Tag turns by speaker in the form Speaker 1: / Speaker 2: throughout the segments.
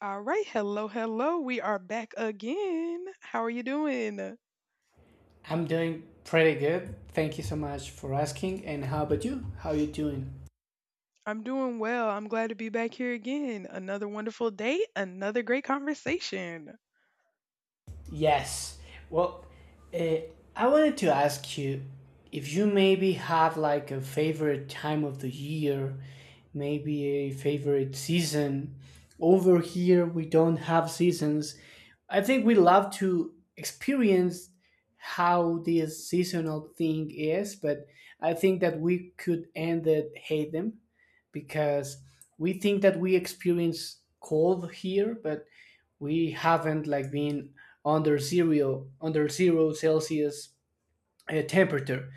Speaker 1: All right, hello, hello. We are back again. How are you doing?
Speaker 2: I'm doing pretty good. Thank you so much for asking. And how about you? How are you doing?
Speaker 1: I'm doing well. I'm glad to be back here again. Another wonderful day, another great conversation.
Speaker 2: Yes. Well, uh, I wanted to ask you if you maybe have like a favorite time of the year, maybe a favorite season. Over here, we don't have seasons. I think we love to experience how this seasonal thing is, but I think that we could end it hate them because we think that we experience cold here, but we haven't like been under zero celsius temperature,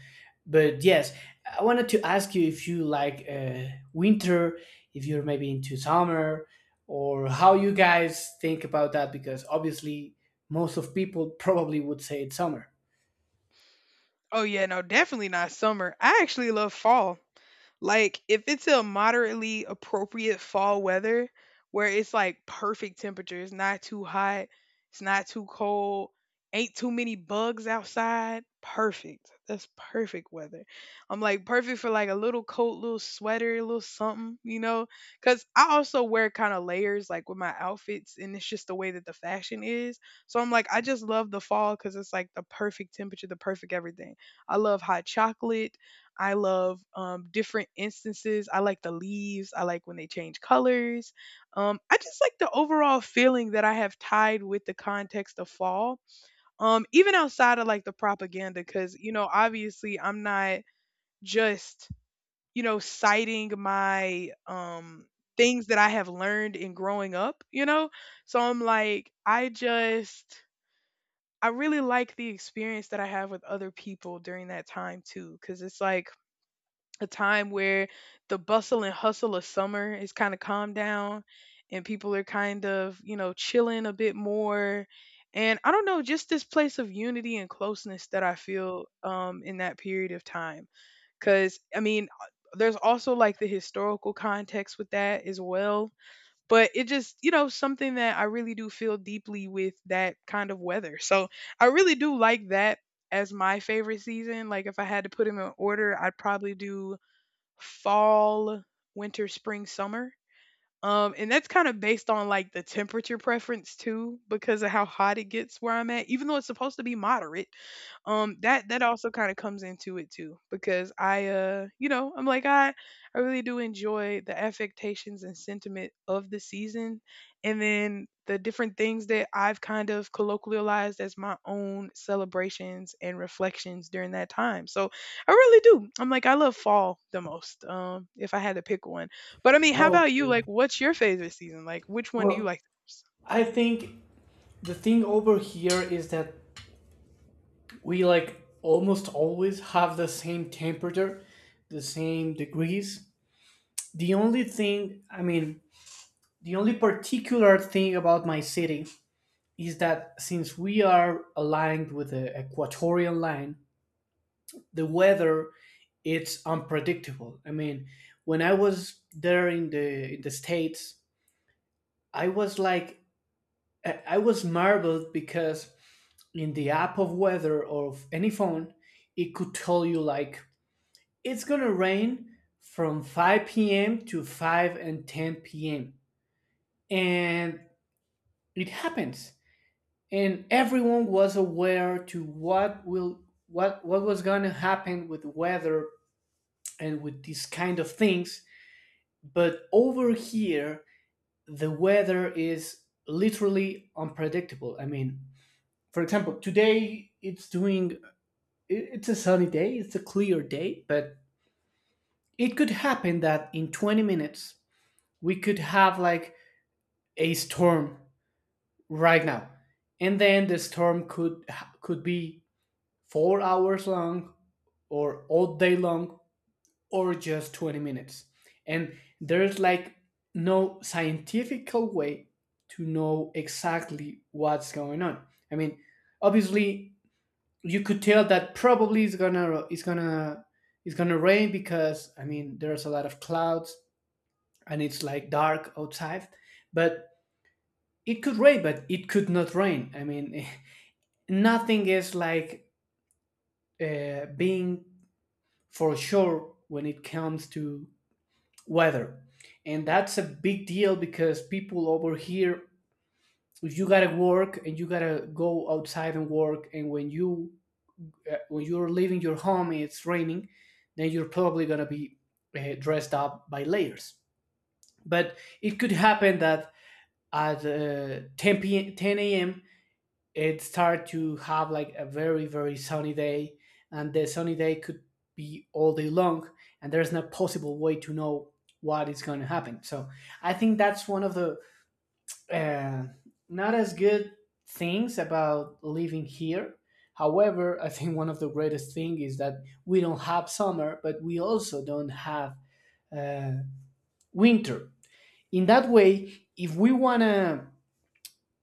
Speaker 2: but yes, I wanted to ask you if you like winter, if you're maybe into summer, or how you guys think about that, because obviously most of people probably would say it's summer.
Speaker 1: Oh, yeah, no, definitely not summer. I actually love fall. Like, if it's a moderately appropriate fall weather where it's like perfect temperature, it's not too hot, it's not too cold, ain't too many bugs outside, perfect. That's perfect weather. I'm like perfect for like a little coat, little sweater, a little something, you know? Cause I also wear kind of layers like with my outfits, and it's just the way that the fashion is. So I'm like, I just love the fall because it's like the perfect temperature, the perfect everything. I love hot chocolate. I love different instances. I like the leaves. I like when they change colors. I just like the overall feeling that I have tied with the context of fall, even outside of like the propaganda, because, you know, obviously I'm not just, you know, citing my things that I have learned in growing up, you know? So I'm like, I just. I really like the experience that I have with other people during that time too, because it's like a time where the bustle and hustle of summer is kind of calmed down and people are kind of, you know, chilling a bit more. And I don't know, just this place of unity and closeness that I feel in that period of time. Because, I mean, there's also like the historical context with that as well. But it just, you know, something that I really do feel deeply with that kind of weather. So I really do like that as my favorite season. Like, if I had to put them in order, I'd probably do fall, winter, spring, summer. And that's kind of based on like the temperature preference too, because of how hot it gets where I'm at, even though it's supposed to be moderate. That also kind of comes into it too, because I you know, I'm like, I really do enjoy the affectations and sentiment of the season, and then the different things that I've kind of colloquialized as my own celebrations and reflections during that time. So I really do, I'm like, I love fall the most. If I had to pick one. But I mean, how about you?
Speaker 2: Okay.
Speaker 1: Like, what's your favorite season? Like, which one do you
Speaker 2: Well,
Speaker 1: like the most?
Speaker 2: I think the thing over here is that we like almost always have the same temperature, the same degrees. The only thing, I mean, the only particular thing about my city is that since we are aligned with the equatorial line, the weather it's unpredictable. I mean, when I was there in the states, I was like I was marveled because in the app of weather of any phone, it could tell you like it's gonna rain from 5 p.m. to 5 and 10 p.m. And it happens. And everyone was aware to what will what was gonna happen with weather and with these kind of things. But over here, the weather is literally unpredictable. I mean, for example, today it's doing it's a sunny day, it's a clear day, but it could happen that in 20 minutes we could have like a storm right now, and then the storm could be 4 hours long, or all day long, or just 20 minutes, and there's like no scientific way to know exactly what's going on. I mean, obviously you could tell that probably it's gonna rain because I mean there's a lot of clouds and it's like dark outside, but it could rain, but it could not rain. I mean, nothing is like being for sure when it comes to weather. And that's a big deal because people over here, if you gotta work and you gotta go outside and work, and when you when you're leaving your home and it's raining, then you're probably gonna be dressed up by layers. But it could happen that at 10 p.m., 10 a.m., it started to have like a very sunny day, and the sunny day could be all day long, and there's no possible way to know what is going to happen. So I think that's one of the uh, not as good things about living here. However, I think one of the greatest thing is that we don't have summer, but we also don't have uh, winter. In that way, if we want to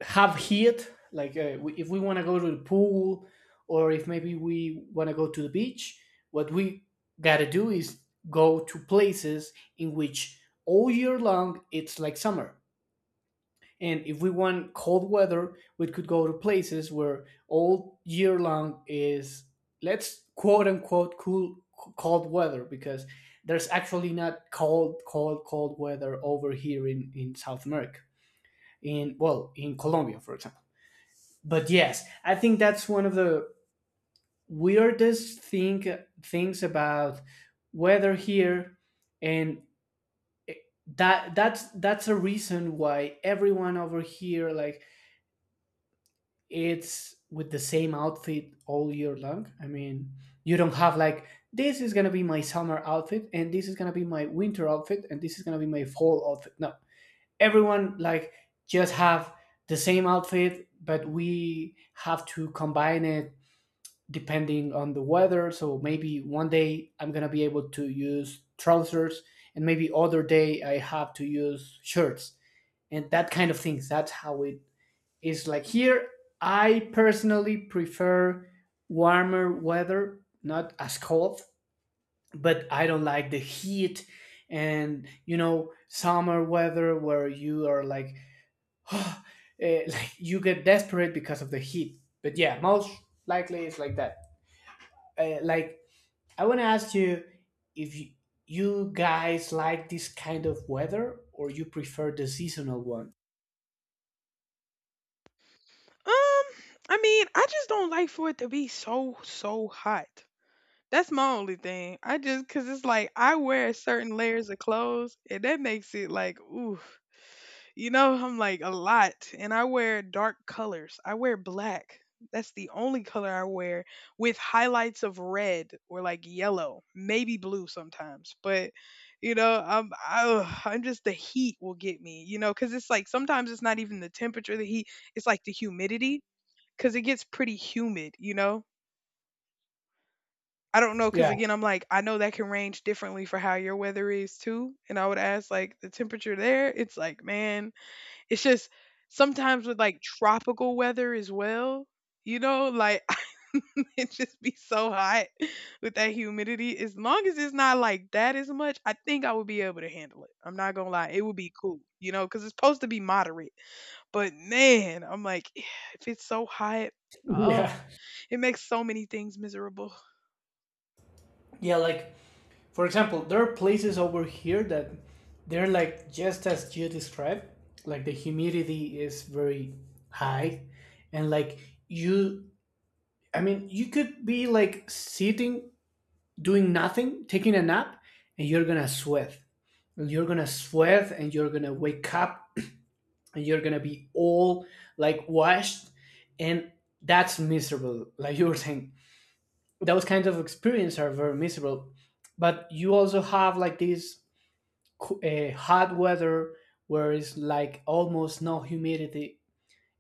Speaker 2: have heat like if we want to go to the pool, or if maybe we want to go to the beach, what we got to do is go to places in which all year long it's like summer. And if we want cold weather we could go to places where all year long is, let's quote unquote, cool cold weather, because there's actually not cold cold cold weather over here in South America, in, well, in Colombia, for example. But yes, I think that's one of the weirdest things about weather here, and that's a reason why everyone over here like it's with the same outfit all year long. I mean, you don't have like this is gonna be my summer outfit, and this is gonna be my winter outfit, and this is gonna be my fall outfit. No, everyone like just have the same outfit, but we have to combine it depending on the weather. So maybe one day I'm gonna be able to use trousers, and maybe other day I have to use shirts and that kind of things. That's how it is like here. I personally prefer warmer weather, not as cold, but I don't like the heat and you know summer weather where you are like, eh, like you get desperate because of the heat. But yeah, most likely it's like that. Like I want to ask you if you guys like this kind of weather or you prefer the seasonal one.
Speaker 1: um, I mean, I just don't like for it to be so hot. That's my only thing. I just cause it's like I wear certain layers of clothes and that makes it like ooh. You know, I'm like a lot, and I wear dark colors. I wear black. That's the only color I wear with highlights of red or like yellow, maybe blue sometimes. But you know, ugh, I'm just, the heat will get me, you know, cuz it's like sometimes it's not even the temperature, the heat, it's like the humidity, cuz it gets pretty humid, you know? I don't know, cause
Speaker 2: Yeah,
Speaker 1: again, I'm like, I know that can range differently for how your weather is too. And I would ask like the temperature there. It's like, man, it's just sometimes with like tropical weather as well, you know, like it just be so hot with that humidity. As long as it's not like that as much, I think I would be able to handle it. I'm not gonna lie, it would be cool, you know, cause it's supposed to be moderate. But man, I'm like, if it's so hot,
Speaker 2: yeah,
Speaker 1: uh, it makes so many things miserable.
Speaker 2: yeah. Like for example, there are places over here that they're like just as you described. Like the humidity is very high, and like you, I mean, you could be like sitting doing nothing, taking a nap, and you're gonna sweat. And you're gonna sweat, and you're gonna wake up, you're gonna be all like washed, and that's miserable. Like you were saying, those kinds of experiences are very miserable, but you also have like this hot weather where it's like almost no humidity,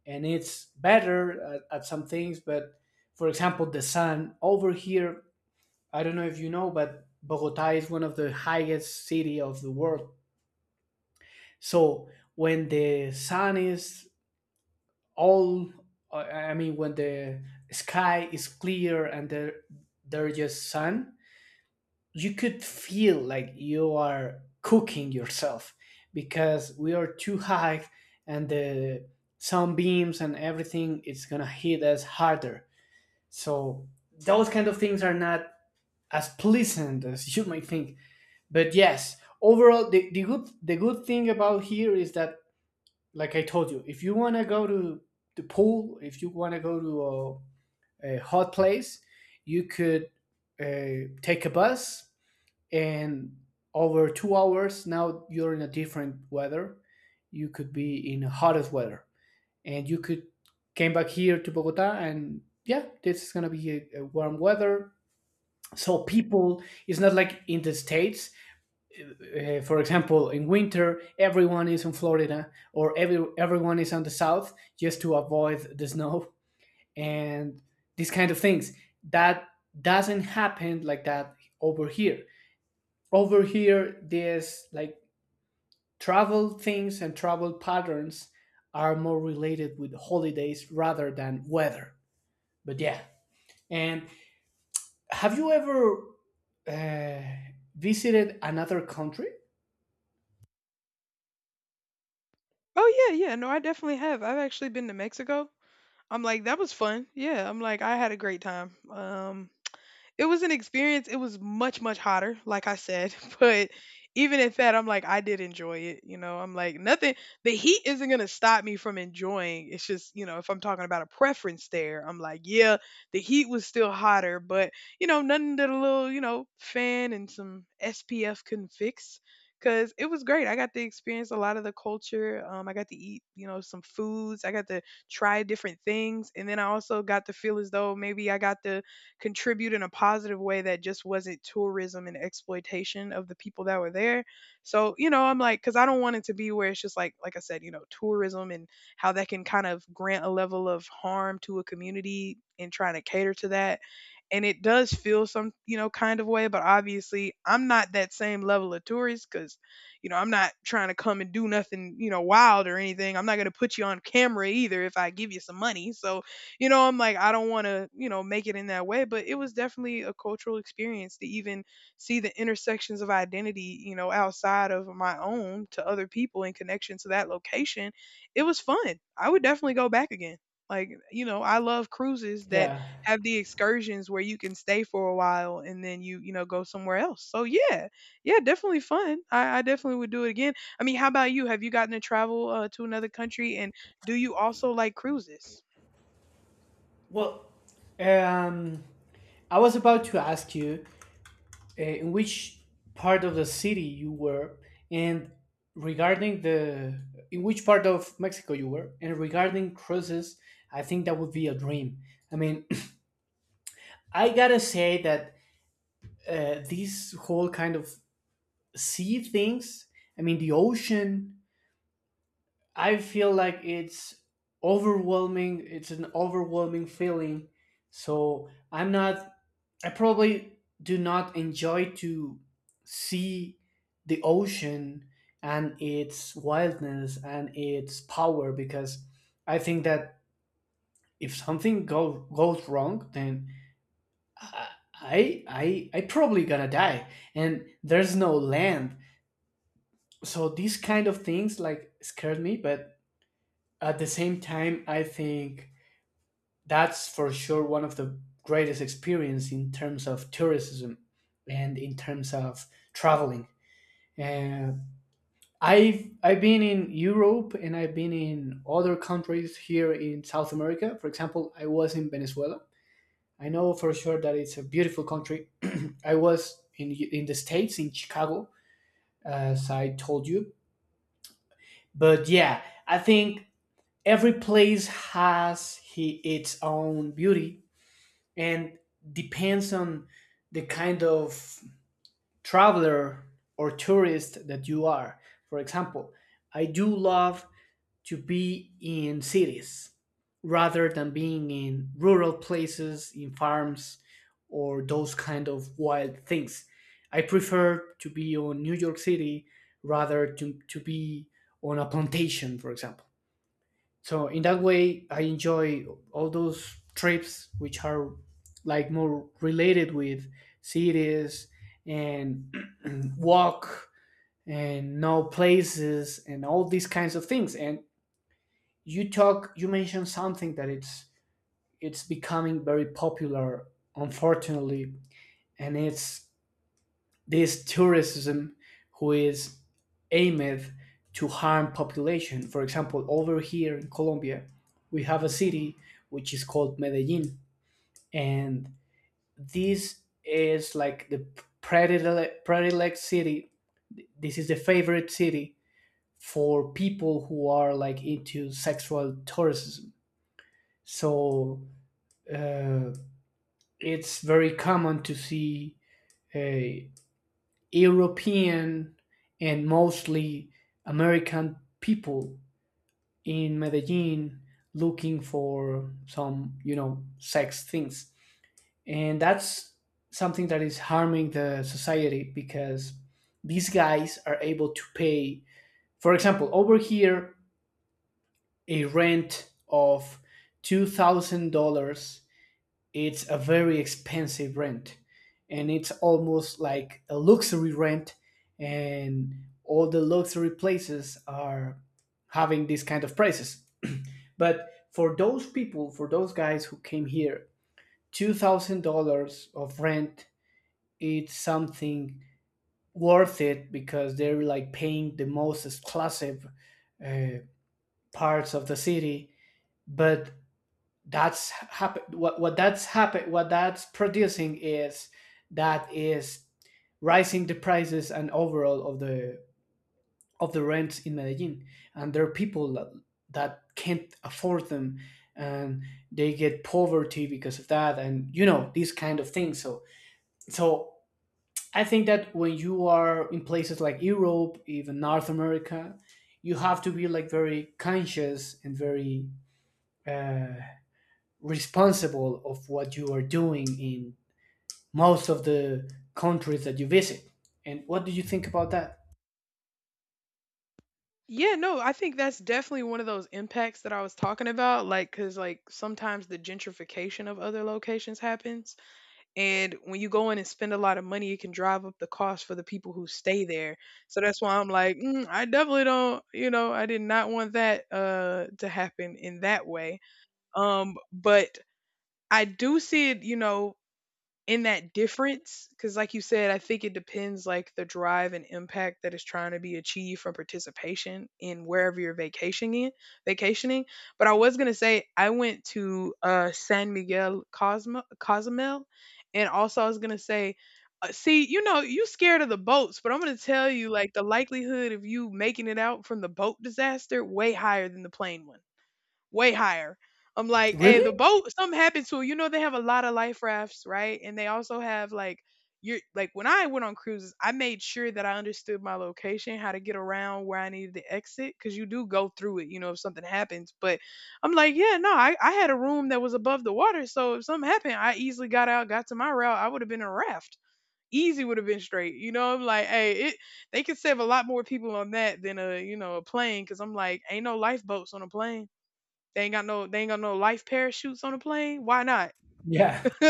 Speaker 2: and it's better at some things, but for example the sun over here, I don't know if you know, but Bogota is one of the highest city of the world. So when the sun is all i I mean when the sky is clear and there's just sun, you could feel like you are cooking yourself because we are too high, and the sunbeams and everything is gonna hit us harder. So those kind of things are not as pleasant as you might think. But yes, overall the good the good thing about here is that, like I told you, if you want to go to the pool, if you want to go to a hot place, you could take a bus and over 2 hours now you're in a different weather. You could be in the hottest weather and you could came back here to Bogota and yeah, this is gonna be a warm weather. So people, it's not like in the states, for example, in winter, everyone is in Florida or everyone is on the south just to avoid the snow and these kind of things. That doesn't happen like that over here. Over here, there's like travel things and travel patterns are more related with holidays rather than weather. But yeah. And have you ever uh, visited another country?
Speaker 1: Oh yeah, yeah. No, I definitely have. I've actually been to Mexico. I'm like, that was fun. Yeah, I'm like, I had a great time. It was an experience. It was much, much hotter, like I said. But even at that, I'm like, I did enjoy it. You know, I'm like, nothing, the heat isn't going to stop me from enjoying. It's just, you know, if I'm talking about a preference there, I'm like, yeah, the heat was still hotter, but, you know, nothing that a little, you know, fan and some SPF couldn't fix. Cause it was great. I got to experience a lot of the culture. I got to eat, you know, some foods. I got to try different things, and then I also got to feel as though maybe I got to contribute in a positive way that just wasn't tourism and exploitation of the people that were there. So, you know, I'm like, because I don't want it to be where it's just like I said, you know, tourism and how that can kind of grant a level of harm to a community and trying to cater to that. And it does feel some, you know, kind of way, but obviously I'm not that same level of tourist because, you know, I'm not trying to come and do nothing, you know, wild or anything. I'm not going to put you on camera either if I give you some money. So, you know, I'm like, I don't want to, you know, make it in that way, but it was definitely a cultural experience to even see the intersections of identity, you know, outside of my own to other people in connection to that location. It was fun. I would definitely go back again. Like, you know, I love cruises that
Speaker 2: Yeah.
Speaker 1: have the excursions where you can stay for a while and then you know, go somewhere else. So yeah, yeah, definitely fun. I definitely would do it again. I mean, how about you? Have you gotten to travel to another country, and do you also like cruises?
Speaker 2: Well, um, I was about to ask you in which part of the city you were, and regarding the in which part of Mexico you were, and regarding cruises, I think that would be a dream. I mean, I gotta say that these whole kind of sea things. I mean, the ocean. I feel like it's overwhelming. It's an overwhelming feeling. So I'm not. I probably do not enjoy to see the ocean and its wildness and its power, because I think that if something goes wrong, then I I probably gonna die. And there's no land, so these kind of things like scared me. But at the same time, I think that's for sure one of the greatest experience in terms of tourism and in terms of traveling. Uh, I've been in Europe and I've been in other countries here in South America. For example, I was in Venezuela. I know for sure that it's a beautiful country. I was in the states in Chicago, as I told you. But yeah, I think every place has its own beauty, and depends on the kind of traveler or tourist that you are. For example, I do love to be in cities rather than being in rural places, in farms, or those kind of wild things. I prefer to be on New York City rather to be on a plantation, for example. So in that way I enjoy all those trips which are like more related with cities and walk and know places and all these kinds of things. And you talk, you mentioned something that it's becoming very popular, unfortunately, and it's this tourism who is aimed to harm population. For example, over here in Colombia, we have a city which is called Medellin, and this is like the predilect city. This is the favorite city for people who are like into sexual tourism. So uh, it's very common to see uh, European and mostly American people in Medellin looking for some, you know, sex things. And that's something that is harming the society, because these guys are able to pay, for example, over here, a rent of $2,000. It's a very expensive rent, and it's almost like a luxury rent, and all the luxury places are having these kind of prices. But for those people, for those guys who came here, $2,000 of rent it's something worth it, because they're like paying the most exclusive uh, parts of the city. But that's happen what that's happen what that's producing is that is rising the prices and overall of the rents in Medellin, and there are people that can't afford them, and they get poverty because of that, and you know these kind of things. So I think that when you are in places like Europe, even North America, you have to be like very conscious and very uh, responsible of what you are doing in most of the countries that you visit. And what do you think about that?
Speaker 1: Yeah, no, I think that's definitely one of those impacts that I was talking about. Like, cause like sometimes the gentrification of other locations happens. And when you go in and spend a lot of money, it can drive up the cost for the people who stay there. So that's why I'm like, mm, I definitely don't, you know, I did not want that to happen in that way. But I do see it, you know, in that difference because like you said, I think it depends like the drive and impact that is trying to be achieved from participation in wherever you're vacationing. But I was going to say, I went to San Miguel Cozumel, and also I was going to say, see, you know, you scared of the boats, but I'm going to tell you, like, the likelihood of you making it out from the boat disaster way higher than the plane one. Way higher. I'm like, hey, the
Speaker 2: Really?
Speaker 1: boat, something happened to it. You know, they have a lot of life rafts, right? And they also have like, you're like, when I went on cruises, I made sure that I understood my location, how to get around where I needed to exit, because you do go through it, you know, if something happens. But I'm like, yeah, no, I had a room that was above the water, so if something happened, I easily got out, got to my route, I would have been a raft. Easy would have been straight, you know. I'm like, hey, it, they could save a lot more people on that than a, you know, a plane, because I'm like, ain't no lifeboats on a plane. They ain't got no, they ain't got no life parachutes on the plane. Why not?
Speaker 2: Yeah.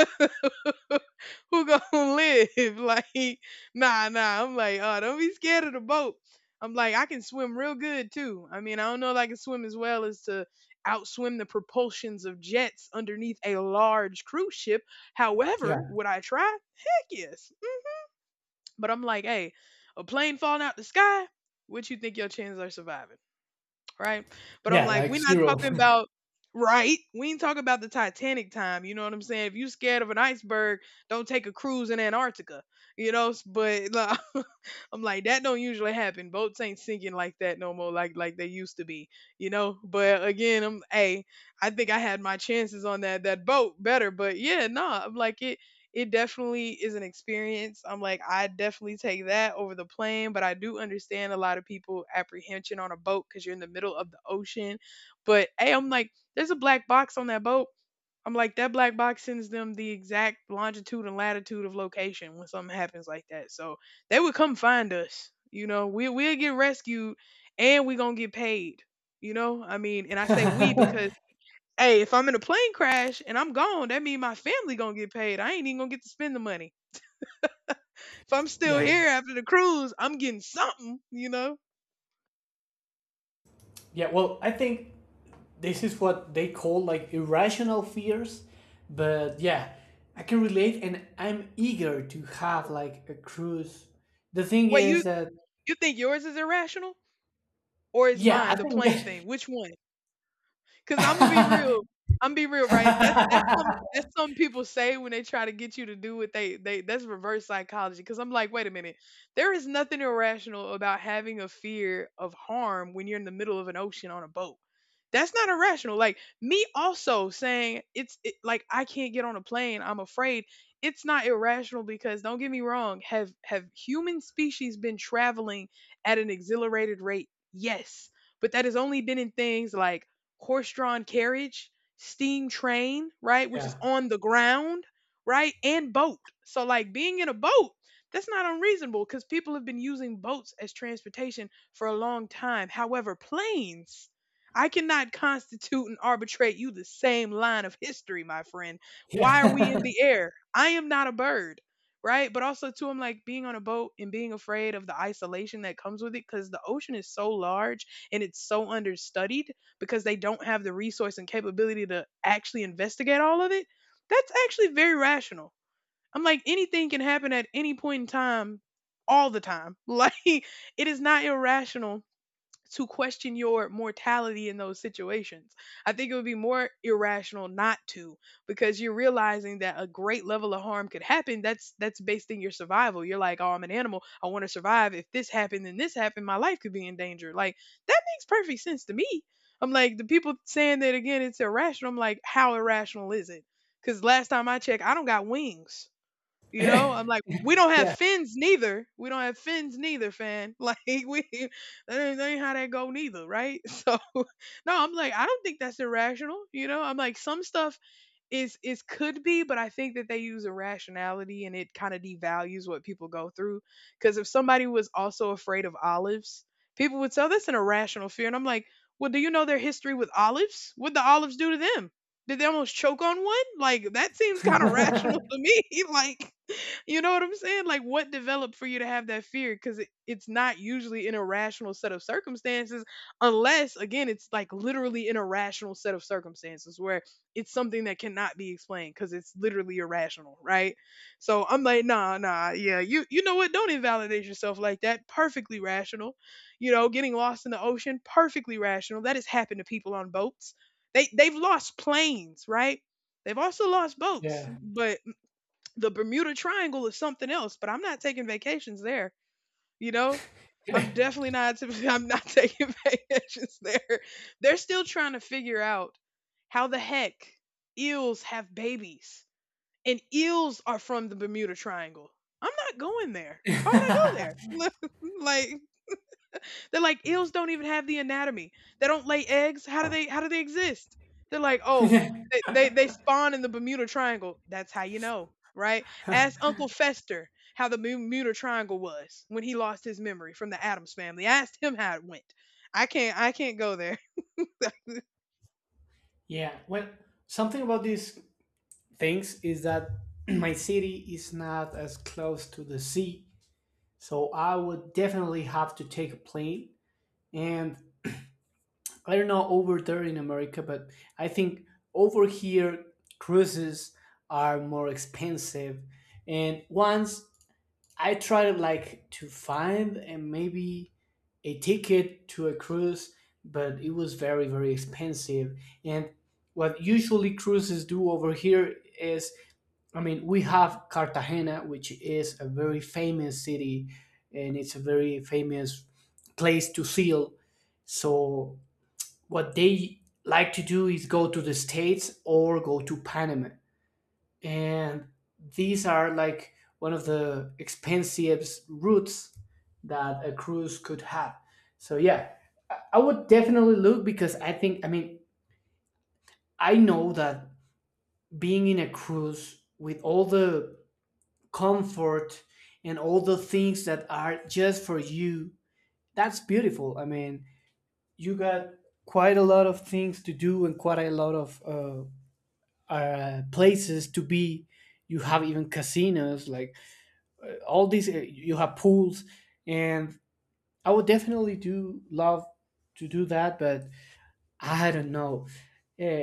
Speaker 1: Who gonna live? Like, nah, nah. I'm like, oh, don't be scared of the boat. I'm like, I can swim real good too. I mean, I don't know if I can swim as well as to outswim the propulsions of jets underneath a large cruise ship.
Speaker 2: Yeah.
Speaker 1: However, would I try? Heck yes. But I'm like, hey, a plane falling out the sky, what you think your chances are surviving, right? But I'm
Speaker 2: Yeah,
Speaker 1: like,
Speaker 2: like
Speaker 1: we're not
Speaker 2: zero.
Speaker 1: talking about, right. We ain't talking about the Titanic time. You know what I'm saying? If you scared of an iceberg, don't take a cruise in Antarctica. You know, S- but like, I'm like, that don't usually happen. Boats ain't sinking like that no more, like they used to be. You know, but again, I'm hey, I think I had my chances on that boat better, but yeah, nah, I'm like it. It definitely is an experience. I'm like, I definitely take that over the plane, but I do understand a lot of people apprehension on a boat because you're in the middle of the ocean. But hey, I'm like, there's a black box on that boat. I'm like, that black box sends them the exact longitude and latitude of location when something happens like that. So they would come find us. You know, we'll get rescued and we're gonna get paid. You know, I mean, and I say we because hey, if I'm in a plane crash and I'm gone, that means my family gonna get paid. I ain't even gonna get to spend the money. If I'm still
Speaker 2: yeah.
Speaker 1: here after the cruise, I'm getting something, you know.
Speaker 2: Yeah, well, I think this is what they call like irrational fears, but yeah, I can relate and I'm eager to have like a cruise. The thing
Speaker 1: Wait, you
Speaker 2: is that
Speaker 1: you think yours is irrational, or is
Speaker 2: yeah,
Speaker 1: mine
Speaker 2: I
Speaker 1: the
Speaker 2: think
Speaker 1: plane thing? Which one? Cause I'm gonna be real. I'm be real, right? That's some people say when they try to get you to do what they that's reverse psychology. Cause I'm like, wait a minute, there is nothing irrational about having a fear of harm when you're in the middle of an ocean on a boat. That's not irrational. Like me also saying it's it, like I can't get on a plane. I'm afraid. It's not irrational because don't get me wrong. Have human species been traveling at an exhilarated rate? Yes, but that has only been in things like horse-drawn carriage, steam train, right, which is
Speaker 2: yeah.
Speaker 1: on the ground, right, and boat. So like being in a boat, that's not unreasonable because people have been using boats as transportation for a long time. However, planes, I cannot constitute and arbitrate you the same line of history, my friend. Why are we in
Speaker 2: Yeah.
Speaker 1: the air? I am not a bird. Right. But also, too, I'm like being on a boat and being afraid of the isolation that comes with it because the ocean is so large and it's so understudied because they don't have the resource and capability to actually investigate all of it, that's actually very rational. I'm like, anything can happen at any point in time, all the time. Like, it is not irrational to question your mortality in those situations. I think it would be more irrational not to because you're realizing that a great level of harm could happen. That's based in your survival. You're like, "Oh, I'm an animal. I want to survive. If this happened and this happened, my life could be in danger." Like that makes perfect sense to me. I'm like, the people saying that again, it's irrational. I'm like, how irrational is it? Cuz last time I checked, I don't got wings. You know, I'm like, we don't have
Speaker 2: yeah.
Speaker 1: fins neither. We don't have fins neither, fan. Like we, that ain't how that go neither, right? So, no, I'm like, I don't think that's irrational. You know, I'm like, some stuff is could be, but I think that they use irrationality and it kind of devalues what people go through. Because if somebody was also afraid of olives, people would say, "Oh, that's an irrational fear," and I'm like, well, do you know their history with olives? What the olives do to them? Did they almost choke on one? Like that seems kind of rational to me. Like, you know what I'm saying? Like, what developed for you to have that fear? Because it, it's not usually an irrational set of circumstances, unless again, it's like literally an irrational set of circumstances where it's something that cannot be explained because it's literally irrational, right? So I'm like, nah, nah, yeah, you know what? Don't invalidate yourself like that. Perfectly rational. You know, getting lost in the ocean, perfectly rational. That has happened to people on boats. They've lost planes, right? They've also lost boats,
Speaker 2: yeah.
Speaker 1: but the Bermuda Triangle is something else. But I'm not taking vacations there. You know? I'm definitely not. I'm not taking vacations there. They're still trying to figure out how the heck eels have babies. And eels are from the Bermuda Triangle. I'm not going there. Why would I go there? Like, they're like, eels don't even have the anatomy. They don't lay eggs. How do they exist? They're like, "Oh,
Speaker 2: yeah.
Speaker 1: they spawn in the Bermuda Triangle." That's how you know, right? Ask Uncle Fester how the Bermuda Triangle was when he lost his memory from the Adams family. Ask him how it went. I can't go there.
Speaker 2: Yeah. Well, something about these things is that my city is not as close to the sea. So I would definitely have to take a plane. And I don't know over there in America, but I think over here cruises are more expensive. And once I try like to find and maybe a ticket to a cruise, but it was very very expensive. And what usually cruises do over here is, I mean, we have Cartagena, which is a very famous city, and it's a very famous place to sail. So what they like to do is go to the States or go to Panama, and these are like one of the expensive routes that a cruise could have. So yeah, I would definitely look, because I think, I mean, I know that being in a cruise with all the comfort and all the things that are just for you, that's beautiful. I mean, you got quite a lot of things to do and quite a lot of places to be. You have even casinos, like all these eh, you have pools, and I would definitely do love to do that. But I don't know, uh,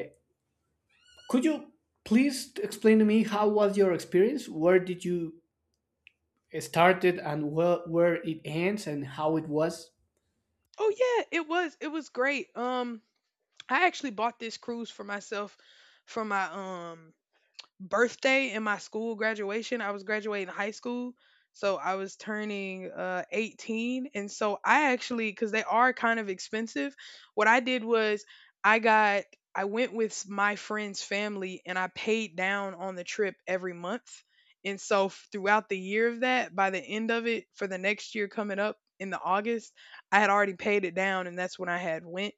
Speaker 2: could you please explain to me how was your experience, where did you start it and where it ends and how it was.
Speaker 1: Oh yeah, it was great. I actually bought this cruise for myself from my um birthday and my school graduation. I was graduating high school, so I was turning 18. And so I actually, cuz they are kind of expensive, what I did was I got, I went with my friend's family and I paid down on the trip every month. And so throughout the year of that, by the end of it, for the next year coming up in the August, I had already paid it down and that's when I had went.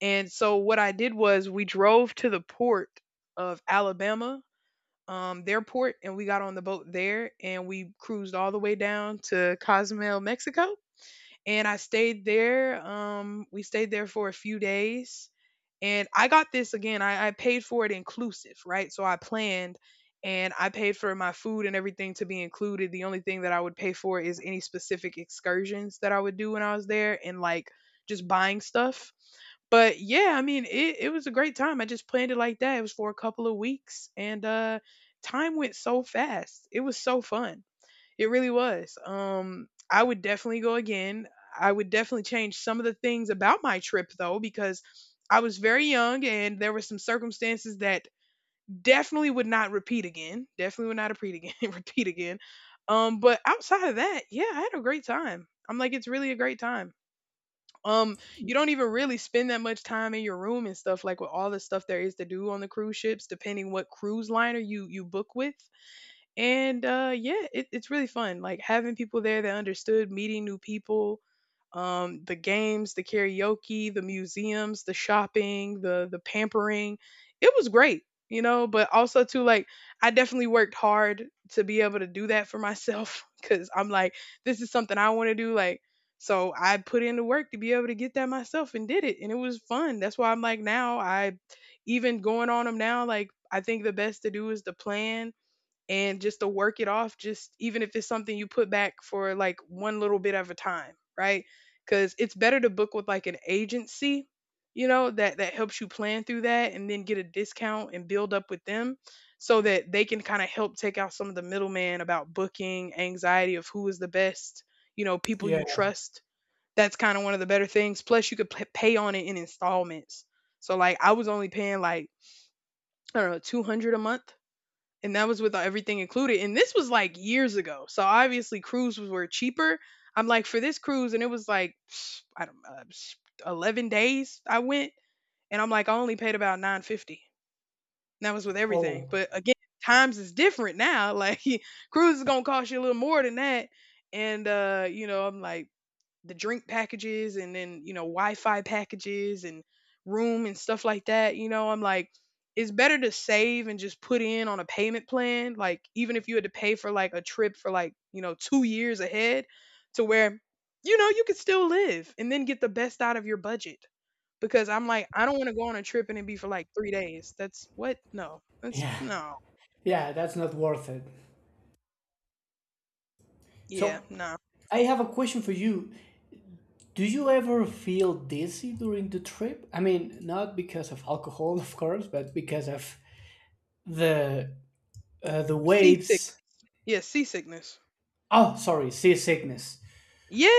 Speaker 1: And so what I did was we drove to the port of Alabama, their port, and we got on the boat there, and we cruised all the way down to Cozumel, Mexico. And I stayed there. We stayed there for a few days, and I got this again. I paid for it inclusive, right? So I planned, and I paid for my food and everything to be included. The only thing that I would pay for is any specific excursions that I would do when I was there, and like just buying stuff. But yeah, I mean, it was a great time. I just planned it like that. It was for a couple of weeks, and time went so fast. It was so fun. It really was. I would definitely go again. I would definitely change some of the things about my trip though, because I was very young and there were some circumstances that definitely would not repeat again. Definitely would not repeat again. Repeat again. But outside of that, yeah, I had a great time. I'm like, it's really a great time. um you don't even really spend that much time in your room and stuff, like with all the stuff there is to do on the cruise ships depending what cruise liner you book with. And yeah, it, it's really fun, like having people there that understood, meeting new people. The games, the karaoke, the museums, the shopping, the pampering. It was great. You know, but also too, like I definitely worked hard to be able to do that for myself. Because I'm like, this is something I want to do. Like, so I put in the work to be able to get that myself and did it, and it was fun. That's why I'm like, now I, even going on them now, like I think the best to do is to plan and just to work it off, just even if it's something you put back for like one little bit at a time, right? Because it's better to book with like an agency, you know, that helps you plan through that and then get a discount and build up with them, so that they can kind of help take out some of the middleman about booking anxiety of who is the best, you know, people you
Speaker 2: Yeah.
Speaker 1: trust. That's kind of one of the better things. Plus you could pay on it in installments. So like I was only paying like, I don't know, 200 a month, and that was with everything included. And this was like years ago, so obviously cruises were cheaper. I'm like, for this cruise, and it was like I don't 11 days I went, and I'm like, I only paid about 950. And that was with everything,
Speaker 2: Oh
Speaker 1: but again, times is different now. Like, cruise is gonna cost you a little more than that, and you know, I'm like the drink packages and then, you know, Wi-Fi packages and room and stuff like that, you know, I'm like it's better to save and just put in on a payment plan, like even if you had to pay for like a trip for like, you know, 2 years ahead, to where, you know, you could still live and then get the best out of your budget, because I'm like, I don't want to go on a trip and it be for like 3 days. That's what? No. That's
Speaker 2: yeah.
Speaker 1: no.
Speaker 2: Yeah, that's not worth it.
Speaker 1: Yeah,
Speaker 2: So
Speaker 1: no.
Speaker 2: I have a question for you. Do you ever feel dizzy during the trip? I mean, not because of alcohol of course, but because of the the
Speaker 1: Seasick.
Speaker 2: waves.
Speaker 1: Yeah, seasickness.
Speaker 2: Oh, sorry, seasickness.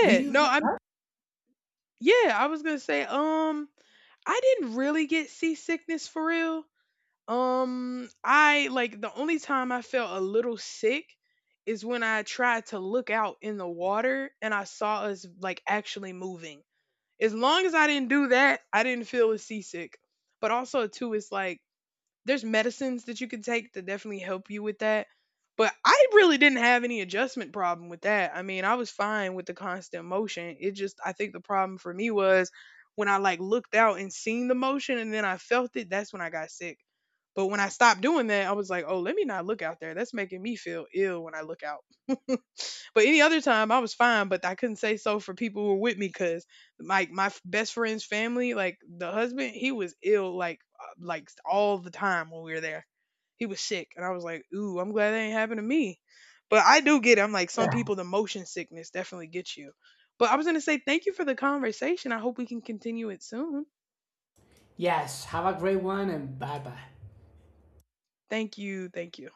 Speaker 2: Do you?
Speaker 1: no, I'm, yeah, I was going to say, I didn't really get seasickness for real. I, like, the only time I felt a little sick is when I tried to look out in the water and I saw us like actually moving. As long as I didn't do that, I didn't feel as seasick. But also too, it's like there's medicines that you can take to definitely help you with that. But I really didn't have any adjustment problem with that. I mean, I was fine with the constant motion. It just, I think the problem for me was when I like looked out and seen the motion and then I felt it, that's when I got sick. But when I stopped doing that, I was like, "Oh, let me not look out there. That's making me feel ill when I look out." But any other time, I was fine, but I couldn't say so for people who were with me because, like, my best friend's family, like the husband, he was ill, like all the time when we were there. He was sick, and I was like, "Ooh, I'm glad that ain't happened to me." But I do get it. I'm like, some
Speaker 2: Yeah.
Speaker 1: people, the motion sickness definitely gets you. But I was gonna say, thank you for the conversation. I hope we can continue it soon.
Speaker 2: Yes. Have a great one and bye bye.
Speaker 1: Thank you. Thank you.